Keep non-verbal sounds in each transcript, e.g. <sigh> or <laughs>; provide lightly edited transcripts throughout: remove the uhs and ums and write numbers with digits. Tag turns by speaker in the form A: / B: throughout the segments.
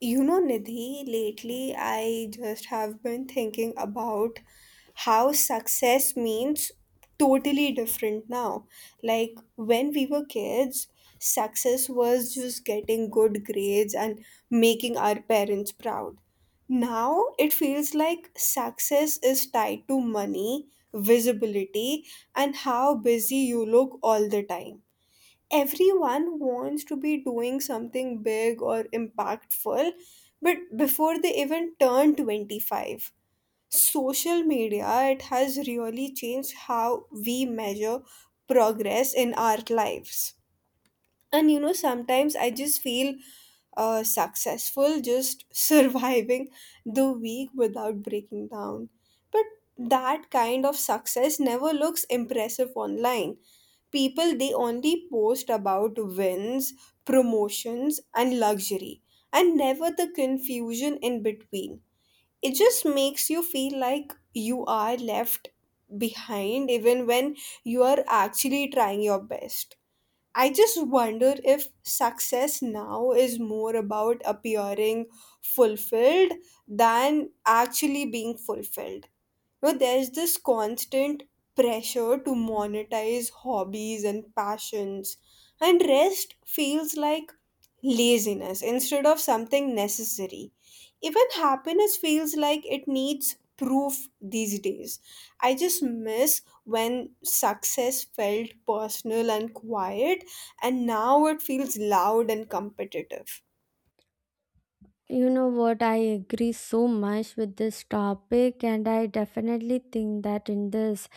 A: You know, Nidhi, lately I just have been thinking about how success means totally different now. Like when we were kids, success was just getting good grades and making our parents proud. Now it feels like success is tied to money, visibility, and how busy you look all the time. Everyone wants to be doing something big or impactful, but before they even turn 25, social media, it has really changed how we measure progress in our lives. And you know, sometimes I just feel successful just <laughs> surviving the week without breaking down. But that kind of success never looks impressive online. People, they only post about wins, promotions and luxury, and never the confusion in between. It just makes you feel like you are left behind even when you are actually trying your best. I just wonder if success now is more about appearing fulfilled than actually being fulfilled. Now there's this constant pressure to monetize hobbies and passions, and rest feels like laziness instead of something necessary. Even happiness feels like it needs proof these days. I just miss when success felt personal and quiet, and now it feels loud and competitive.
B: You know what? I agree so much with this topic, and I definitely think that in this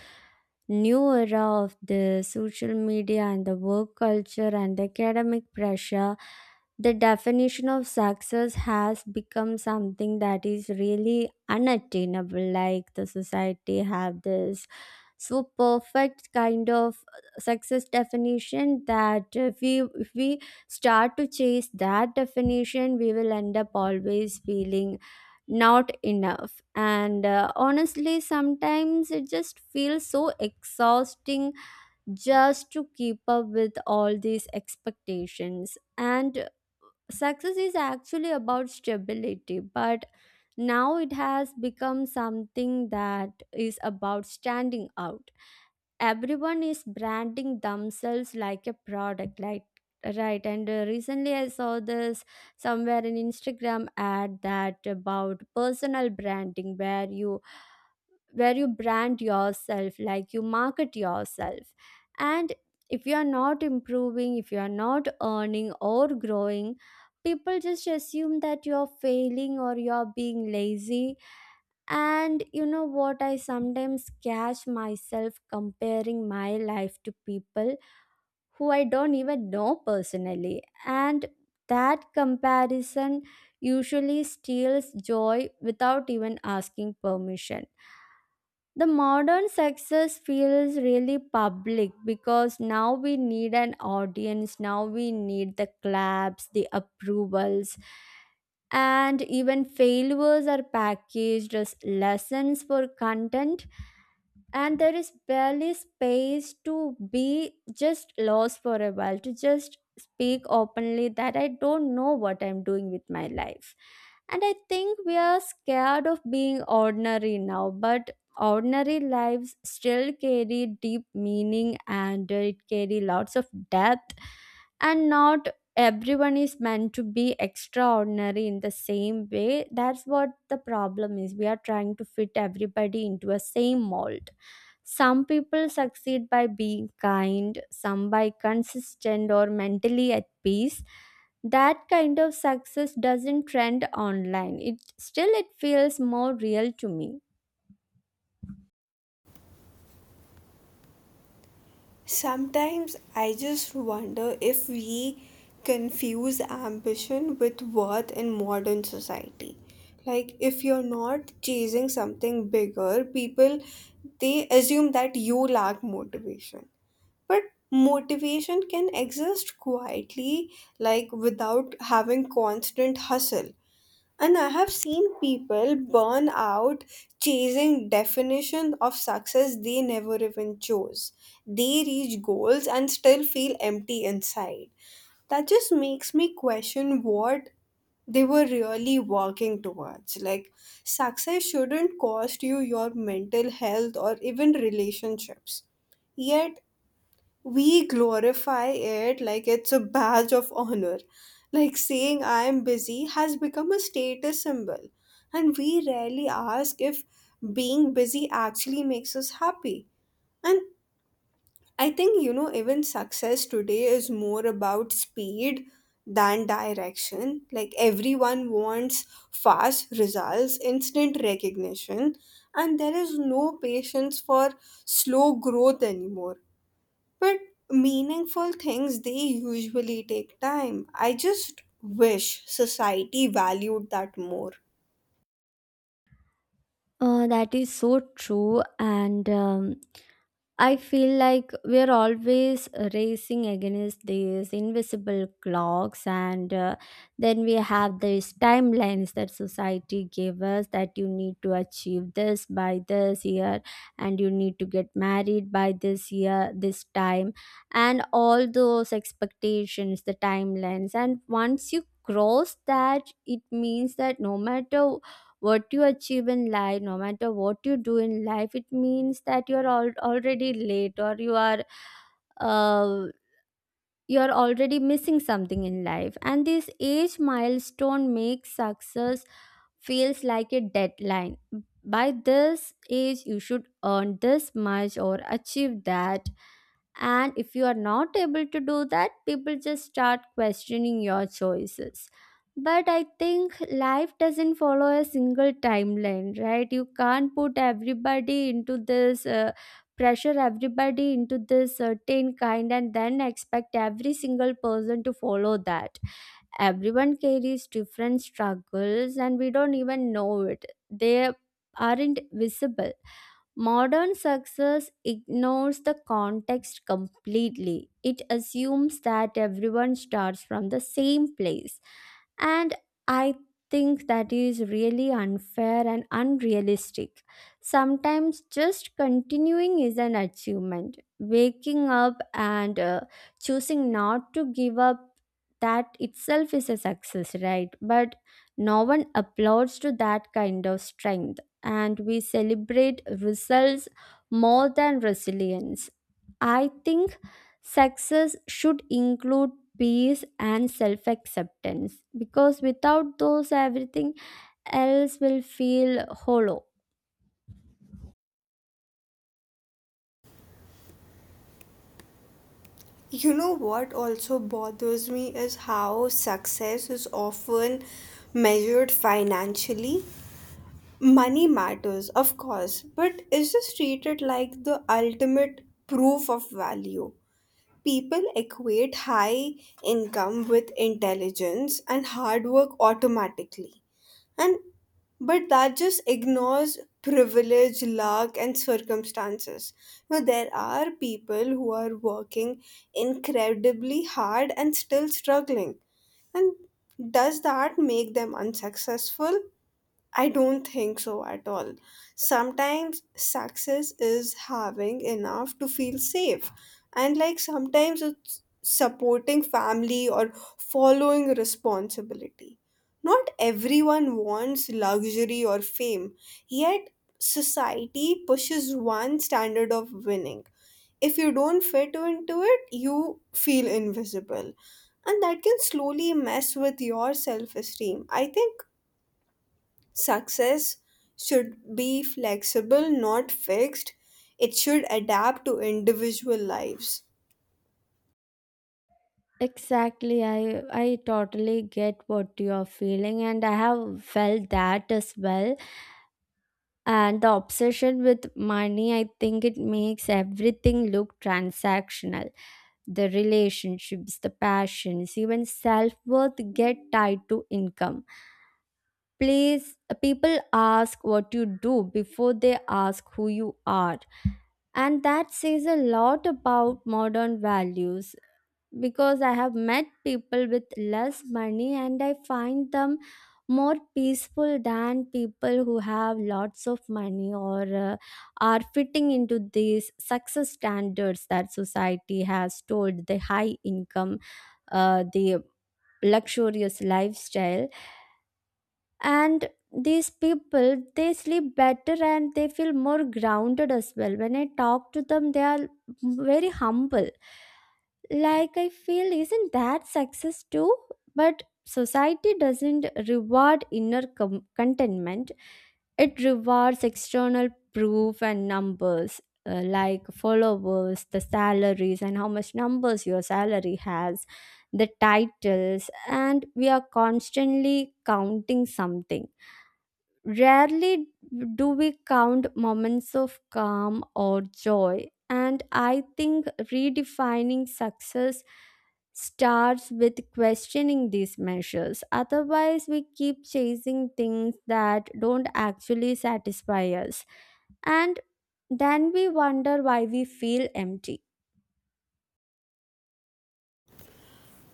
B: new era of the social media and the work culture and the academic pressure, the definition of success has become something that is really unattainable. Like, the society have this so perfect kind of success definition that if we start to chase that definition, we will end up always feeling not enough. And honestly, sometimes it just feels so exhausting just to keep up with all these expectations. And success is actually about stability, but now it has become something that is about standing out. Everyone is branding themselves like a product, like, right. And recently I saw this somewhere in Instagram ad that about personal branding, where you brand yourself, like you market yourself. And if you are not improving, if you are not earning or growing, people just assume that you're failing or you're being lazy. And you know what? I sometimes catch myself comparing my life to people who I don't even know personally. And that comparison usually steals joy without even asking permission. The modern success feels really public because now we need an audience, now we need the claps, the approvals, and even failures are packaged as lessons for content. And there is barely space to be just lost for a while, to just speak openly that I don't know what I'm doing with my life. And I think we are scared of being ordinary now, but ordinary lives still carry deep meaning and it carry lots of depth. And not everyone is meant to be extraordinary in the same way. That's what the problem is: we are trying to fit everybody into a same mold. Some people succeed by being kind, some by consistent or mentally at peace. That kind of success doesn't trend online. It still it feels more real to me.
A: Sometimes I just wonder if we confuse ambition with worth in modern society. Like, if you're not chasing something bigger, people, they assume that you lack motivation. But motivation can exist quietly, like without having constant hustle. And I have seen people burn out chasing definitions of success they never even chose. They reach goals and still feel empty inside. That just makes me question what they were really working towards. Like, success shouldn't cost you your mental health or even relationships. Yet, we glorify it like it's a badge of honor. Like saying I am busy has become a status symbol. And we rarely ask if being busy actually makes us happy. And I think, you know, even success today is more about speed than direction. Like everyone wants fast results, instant recognition, and there is no patience for slow growth anymore, but meaningful things, they usually take time. I just wish society valued that more.
B: That is so true, and I feel like we're always racing against these invisible clocks, and then we have these timelines that society gave us, that you need to achieve this by this year, and you need to get married by this year, this time, and all those expectations, the timelines. And once you cross that, it means that no matter what you achieve in life, no matter what you do in life, it means that you are already late, or uh, you are already missing something in life. And this age milestone makes success feels like a deadline. By this age you should earn this much or achieve that, and if you are not able to do that, people just start questioning your choices. But I think life doesn't follow a single timeline, right? You can't put everybody into this pressure, everybody into this certain kind and then expect every single person to follow that. Everyone carries different struggles and we don't even know it. They aren't visible. Modern success ignores the context completely. It assumes that everyone starts from the same place. And I think that is really unfair and unrealistic. Sometimes just continuing is an achievement. Waking up and choosing not to give up, that itself is a success, right? But no one applauds to that kind of strength, and we celebrate results more than resilience. I think success should include peace and self acceptance, because without those, everything else will feel hollow.
A: You know what also bothers me is how success is often measured financially. Money matters, of course, but is this treated like the ultimate proof of value? People equate high income with intelligence and hard work automatically. And but that just ignores privilege, luck, and circumstances. Now, there are people who are working incredibly hard and still struggling. And does that make them unsuccessful? I don't think so at all. Sometimes success is having enough to feel safe, and like sometimes it's supporting family or following responsibility. Not everyone wants luxury or fame, yet, society pushes one standard of winning. If you don't fit into it, you feel invisible, and that can slowly mess with your self esteem. I think success should be flexible, not fixed. It should adapt to individual lives.
B: Exactly, I totally get what you are feeling, and I have felt that as well. And the obsession with money, I think it makes everything look transactional. The relationships, the passions, even self worth get tied to income. Please, people ask what you do before they ask who you are. And that says a lot about modern values, because I have met people with less money and I find them more peaceful than people who have lots of money, or are fitting into these success standards that society has told: the high income, the luxurious lifestyle. And these people, they sleep better and they feel more grounded as well. When I talk to them, they are very humble. Like, I feel, isn't that success too? But society doesn't reward inner contentment, it rewards external proof and numbers. Like followers, the salaries, and how much numbers your salary has, the titles. And we are constantly counting something. Rarely do we count moments of calm or joy, and I think redefining success starts with questioning these measures. Otherwise, we keep chasing things that don't actually satisfy us, and then we wonder why we feel empty.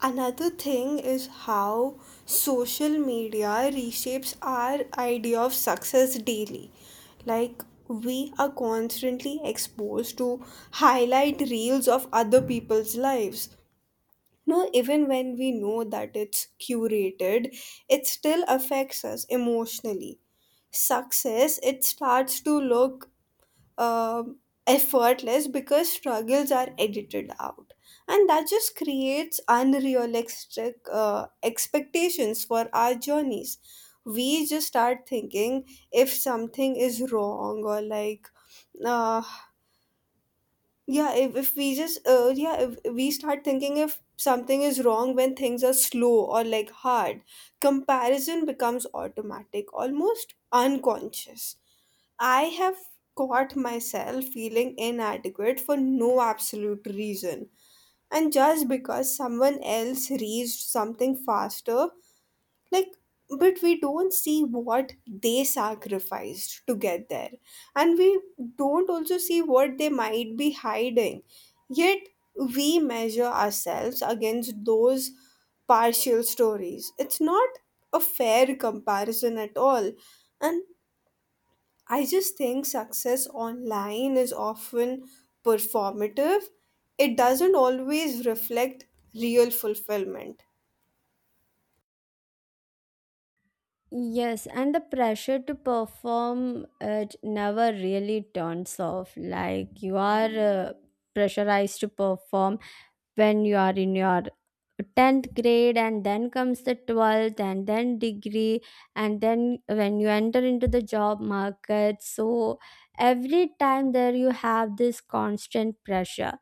A: Another thing is how social media reshapes our idea of success daily. Like, we are constantly exposed to highlight reels of other people's lives. No, even when we know that it's curated, it still affects us emotionally. Success, it starts to look um, effortless because struggles are edited out, and that just creates unrealistic expectations for our journeys. We just start thinking if something is wrong, or like uh, yeah if we just yeah if we start thinking if something is wrong when things are slow or like hard. Comparison becomes automatic, almost unconscious. I have caught myself feeling inadequate for no absolute reason. And just because someone else reached something faster, like, but we don't see what they sacrificed to get there. And we don't also see what they might be hiding. Yet, we measure ourselves against those partial stories. It's not a fair comparison at all. And I just think success online is often performative. It doesn't always reflect real fulfillment.
B: Yes, and the pressure to perform, it never really turns off. Like you are pressurized to perform when you are in your 10th grade, and then comes the 12th, and then degree, and then when you enter into the job market. So every time there you have this constant pressure.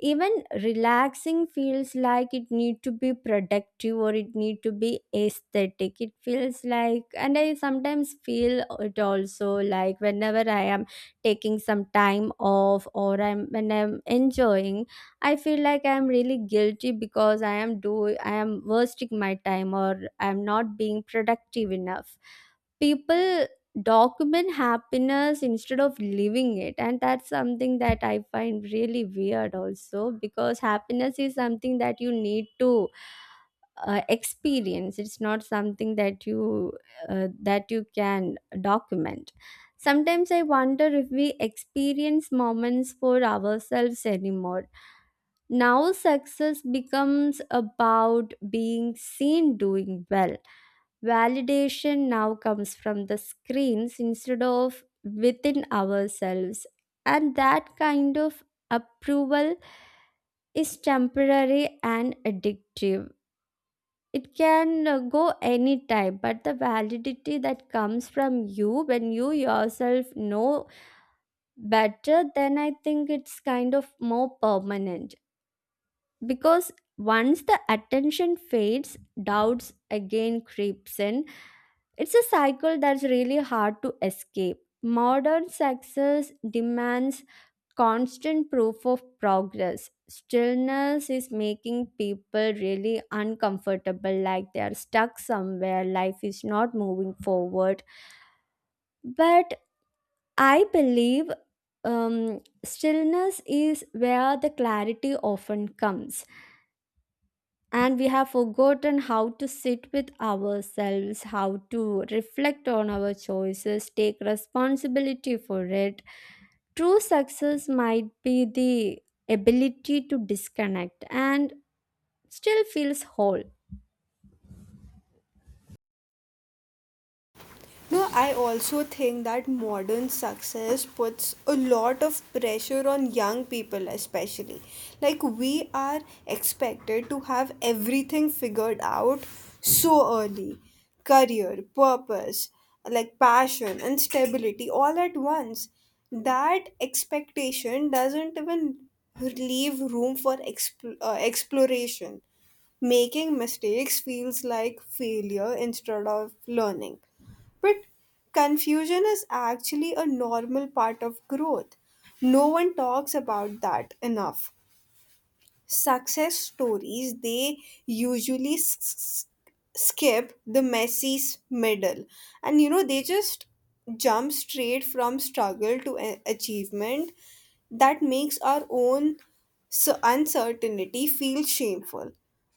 B: Even relaxing feels like it need to be productive, or it need to be aesthetic, it feels like. And I sometimes feel it also, like whenever I am taking some time off, or I'm when I'm enjoying, I feel like I'm really guilty, because I am wasting my time, or I'm not being productive enough. People document happiness instead of living it, and that's something that I find really weird also, because happiness is something that you need to experience. It's not something that you can document. Sometimes I wonder if we experience moments for ourselves anymore. Now success becomes about being seen doing well. Validation now comes from the screens instead of within ourselves, and that kind of approval is temporary and addictive. It can go anytime, but the validity that comes from you when you yourself know better, then I think it's kind of more permanent. Because once the attention fades, doubts again creeps in. It's a cycle that's really hard to escape. Modern success demands constant proof of progress. Stillness is making people really uncomfortable, like they are stuck somewhere, life is not moving forward. But I believe stillness is where the clarity often comes. And we have forgotten how to sit with ourselves, how to reflect on our choices, take responsibility for it. True success might be the ability to disconnect and still feels whole.
A: No, I also think that modern success puts a lot of pressure on young people, especially. Like, we are expected to have everything figured out so early. Career, purpose, like passion, and stability all at once. That expectation doesn't even leave room for exploration. Making mistakes feels like failure instead of learning. But confusion is actually a normal part of growth. No one talks about that enough. Success stories, they usually skip the messy middle, and you know, they just jump straight from struggle to achievement. That makes our own uncertainty feel shameful.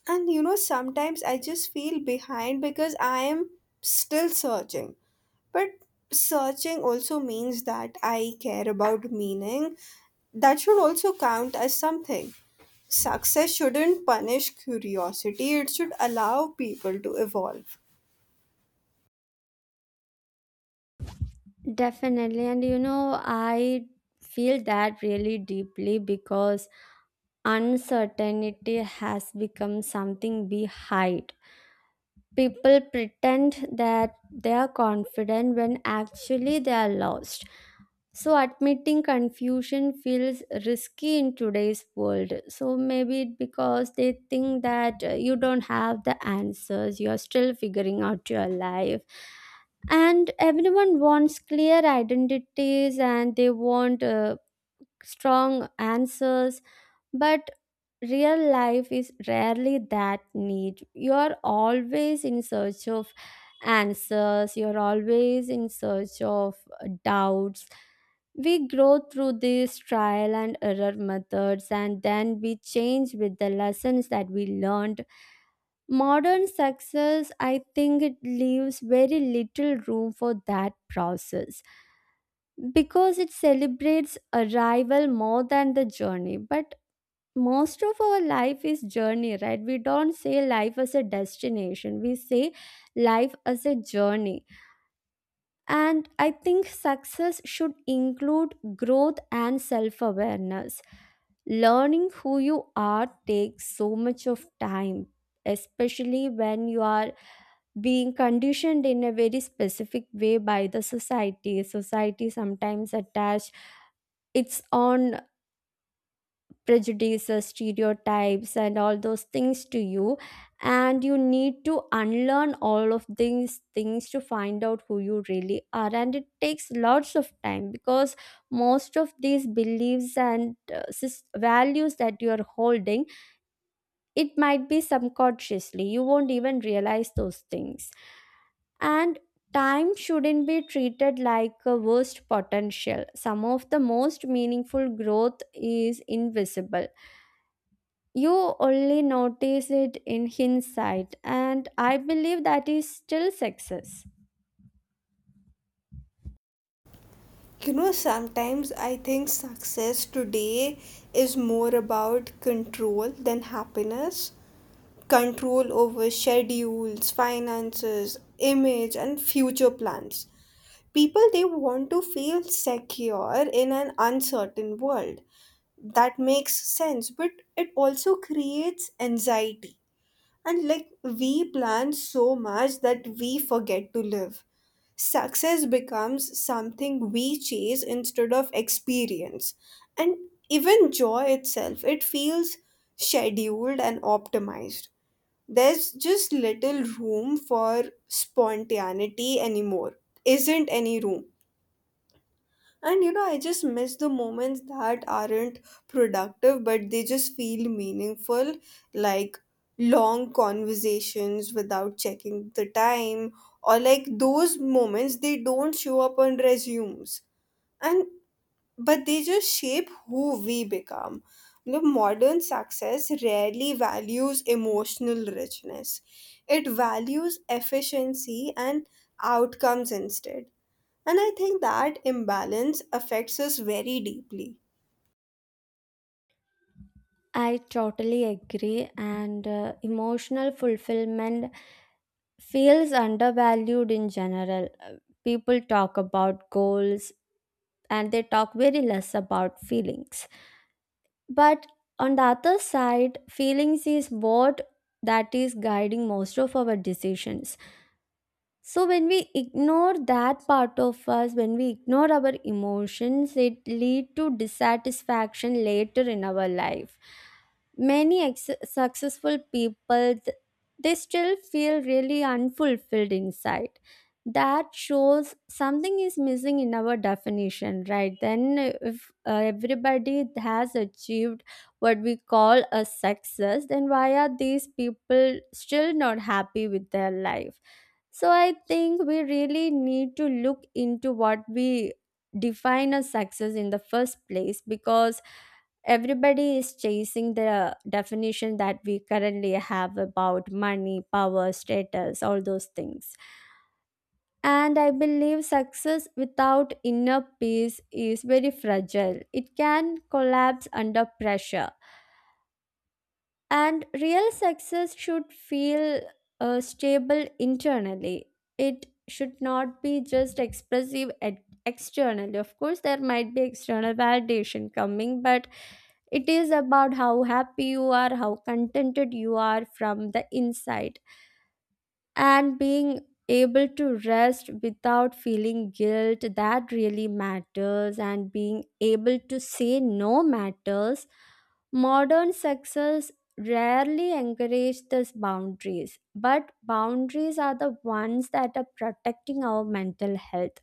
A: And you know, sometimes I just feel behind because I am still searching. But searching also means that I care about meaning. That should also count as something. Success shouldn't punish curiosity, it should allow people to evolve.
B: Definitely. And you know, I feel that really deeply, because uncertainty has become something we hide. People pretend that they are confident when actually they are lost. So, admitting confusion feels risky in today's world. So, maybe it because they think that you don't have the answers, you're still figuring out your life. And everyone wants clear identities, and they want strong answers. But real life is rarely that neat. You're always in search of answers, you're always in search of doubts. We grow through these trial and error methods, and then we change with the lessons that we learned. Modern success, I think it leaves very little room for that process, because it celebrates arrival more than the journey. But most of our life is journey, right? We don't say life as a destination, we say life as a journey. And I think success should include growth and self awareness. Learning who you are takes so much of time, especially when you are being conditioned in a very specific way by the society. Society sometimes attach its own prejudices, stereotypes, and all those things to you. And you need to unlearn all of these things to find out who you really are. And it takes lots of time, because most of these beliefs and values that you are holding, it might be subconsciously. You won't even realize those things. And time shouldn't be treated like a worst potential. Some of the most meaningful growth is invisible. You only notice it in hindsight, and I believe that is still success.
A: You know, sometimes I think success today is more about control than happiness. Control over schedules, finances, image, and future plans. People, they want to feel secure in an uncertain world. That makes sense, but it also creates anxiety. And like we plan so much that we forget to live. Success becomes something we chase instead of experience. And even joy itself, it feels scheduled and optimized. There's just little room for spontaneity anymore. Isn't any room. And you know, I just miss the moments that aren't productive, but they just feel meaningful, like long conversations without checking the time, or like those moments, they don't show up on resumes. And but they just shape who we become. The modern success rarely values emotional richness. It values efficiency and outcomes instead. And I think that imbalance affects us very deeply.
B: I totally agree, and emotional fulfillment feels undervalued in general. People talk about goals, and they talk very less about feelings. But on the other side, feelings is what that is guiding most of our decisions. So when we ignore that part of us, when we ignore our emotions, it lead to dissatisfaction later in our life. Many successful people they still feel really unfulfilled inside. That shows something is missing in our definition, right? Then, if everybody has achieved what we call a success, then why are these people still not happy with their life? So I think we really need to look into what we define as success in the first place, because everybody is chasing the definition that we currently have about money, power, status, all those things. And I believe success without inner peace is very fragile. It can collapse under pressure. And real success should feel stable internally. It should not be just expressive externally. Of course, there might be external validation coming, but it is about how happy you are, how contented you are from the inside and being able to rest without feeling guilt that really matters, and being able to say no matters. Modern success rarely encourage these boundaries, but boundaries are the ones that are protecting our mental health.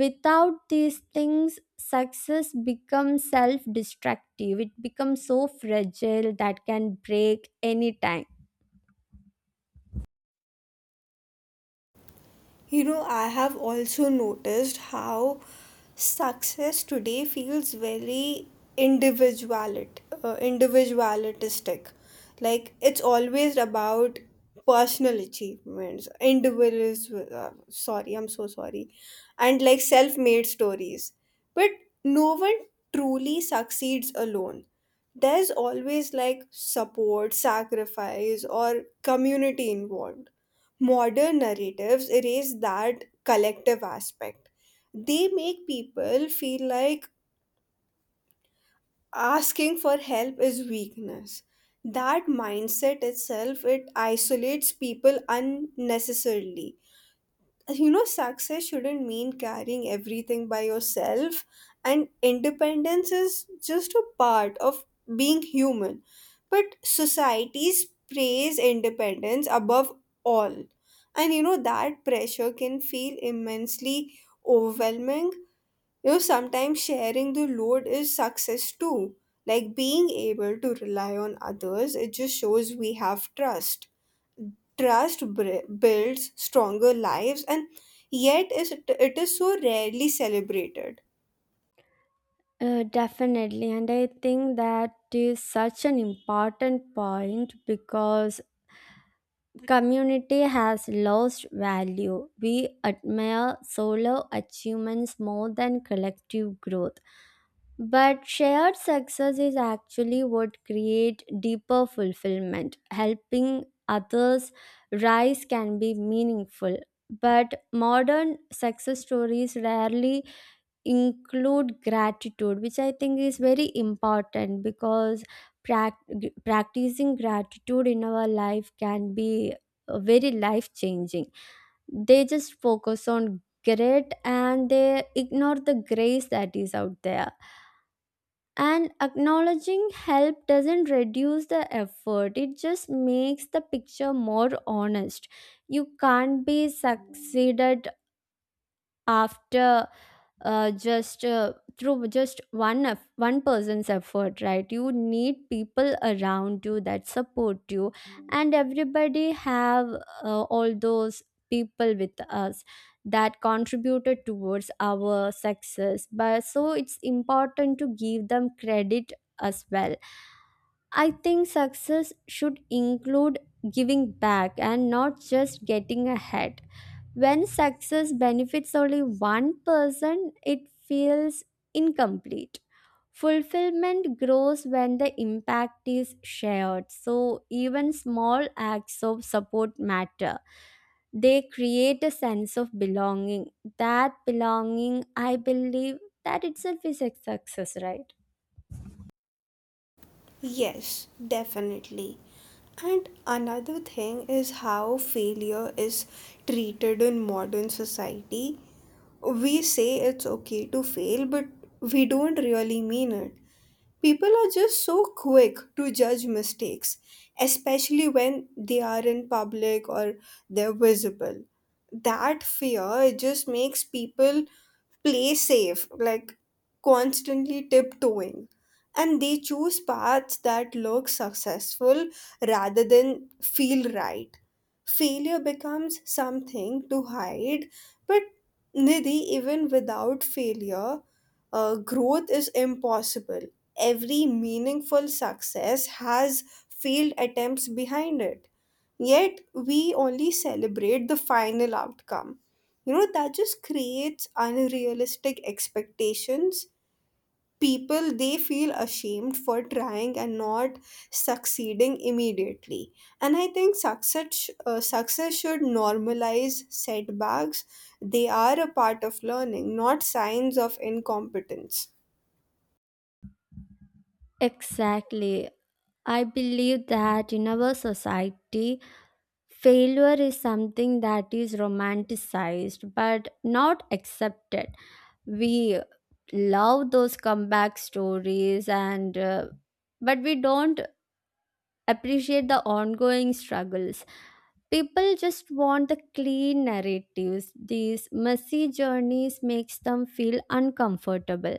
B: Without these things success becomes self destructive. It becomes so fragile that can break anytime.
A: You know, I have also noticed how success today feels very individualit individualistic. Like it's always about personal achievements, individuals. Sorry, I'm so sorry, and like self-made stories. But no one truly succeeds alone. There's always like support, sacrifice, or community involved. Modern narratives erase that collective aspect. They make people feel like asking for help is weakness. That mindset itself, it isolates people unnecessarily. You know, success shouldn't mean carrying everything by yourself, and independence is just a part of being human. But societies praise independence above all, and you know, that pressure can feel immensely overwhelming. You know, sometimes sharing the load is success too. Like being able to rely on others, it just shows we have trust. Trust builds stronger lives, and yet it is so rarely celebrated.
B: Definitely, and I think that is such an important point because community has lost value. We admire solo achievements more than collective growth, but shared success is actually what create deeper fulfillment. Helping others rise can be meaningful, but modern success stories rarely include gratitude, which I think is very important because prac- practicing gratitude in our life can be very life changing. They just focus on grit and they ignore the grace that is out there. And acknowledging help doesn't reduce the effort, it just makes the picture more honest. You can't be succeeded after just through just one person's effort, right? You need people around you that support you, and everybody have all those people with us that contributed towards our success, but so it's important to give them credit as well. I think success should include giving back and not just getting ahead. When success benefits only one person, it feels incomplete. Fulfillment grows when the impact is shared. So, even small acts of support matter. They create a sense of belonging. That belonging, I believe, that itself is a success, right?
A: Yes, definitely. And another thing is how failure is treated in modern society. We say it's okay to fail, but we don't really mean it. People are just so quick to judge mistakes, especially when they are in public or they're visible. That fear just makes people play safe, like constantly tiptoeing, and they choose paths that look successful rather than feel right. Failure becomes something to hide, but Nidhi, even without failure, growth is impossible. Every meaningful success has failed attempts behind it. Yet, we only celebrate the final outcome. You know, that just creates unrealistic expectations. People, they feel ashamed for trying and not succeeding immediately. And I think success should normalize setbacks. They are a part of learning, not signs of incompetence.
B: Exactly. I believe that in our society, failure is something that is romanticized but not accepted. We love those comeback stories and but we don't appreciate the ongoing struggles. People just want the clean narratives. These messy journeys makes them feel uncomfortable,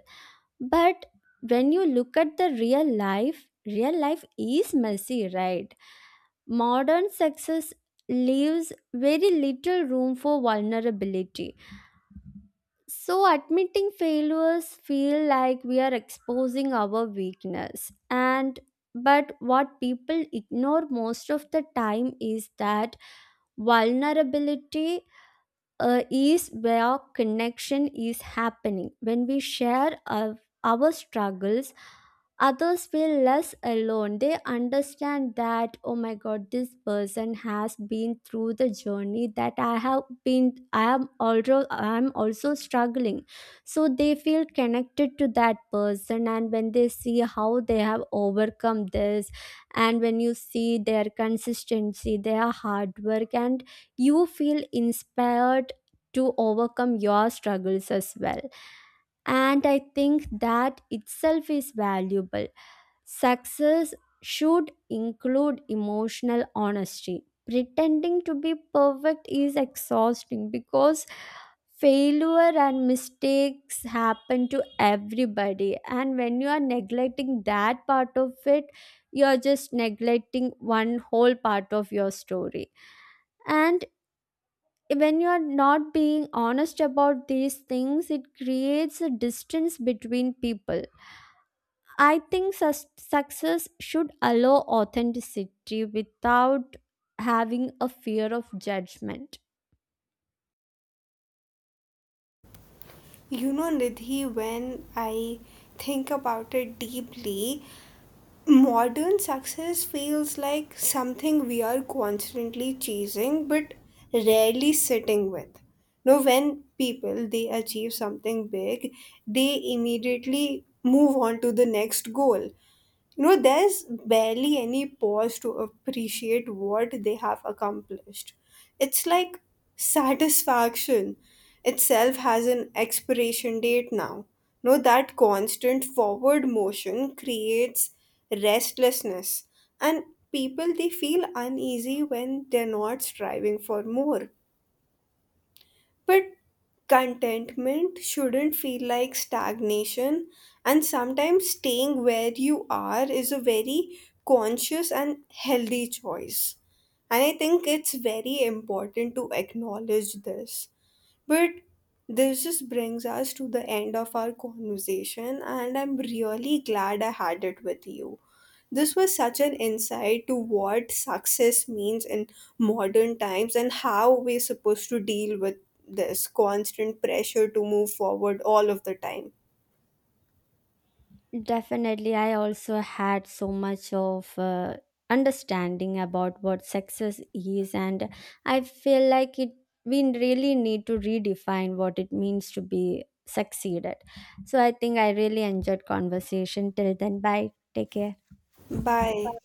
B: but when you look at the real life, real life is messy, right? Modern success leaves very little room for vulnerability, so admitting failures feel like we are exposing our weakness. And but what people ignore most of the time is that vulnerability is where connection is happening. When we share our struggles, others feel less alone. They understand that, oh my god, this person has been through the journey that I have been. I am also struggling. So they feel connected to that person, and when they see how they have overcome this, and when you see their consistency, their hard work, and you feel inspired to overcome your struggles as well. And I think that itself is valuable. Success should include emotional honesty. Pretending to be perfect is exhausting because failure and mistakes happen to everybody. And when you are neglecting that part of it, you're just neglecting one whole part of your story. And when you are not being honest about these things, it creates a distance between people. I think success should allow authenticity without having a fear of judgment.
A: You know, Nidhi, when I think about it deeply, modern success feels like something we are constantly chasing but rarely sitting with. Now, when people they achieve something big, they immediately move on to the next goal. You know, there's barely any pause to appreciate what they have accomplished. It's like satisfaction itself has an expiration date now. You know, that constant forward motion creates restlessness, and people, they feel uneasy when they're not striving for more. But contentment shouldn't feel like stagnation, and sometimes staying where you are is a very conscious and healthy choice. And I think it's very important to acknowledge this. But this just brings us to the end of our conversation, and I'm really glad I had it with you. This was such an insight to what success means in modern times and how we're supposed to deal with this constant pressure to move forward all of the time.
B: Definitely, I also had so much of understanding about what success is, and I feel like it. We really need to redefine what it means to be succeeded. So I think I really enjoyed conversation. Till then, bye. Take care.
A: Bye.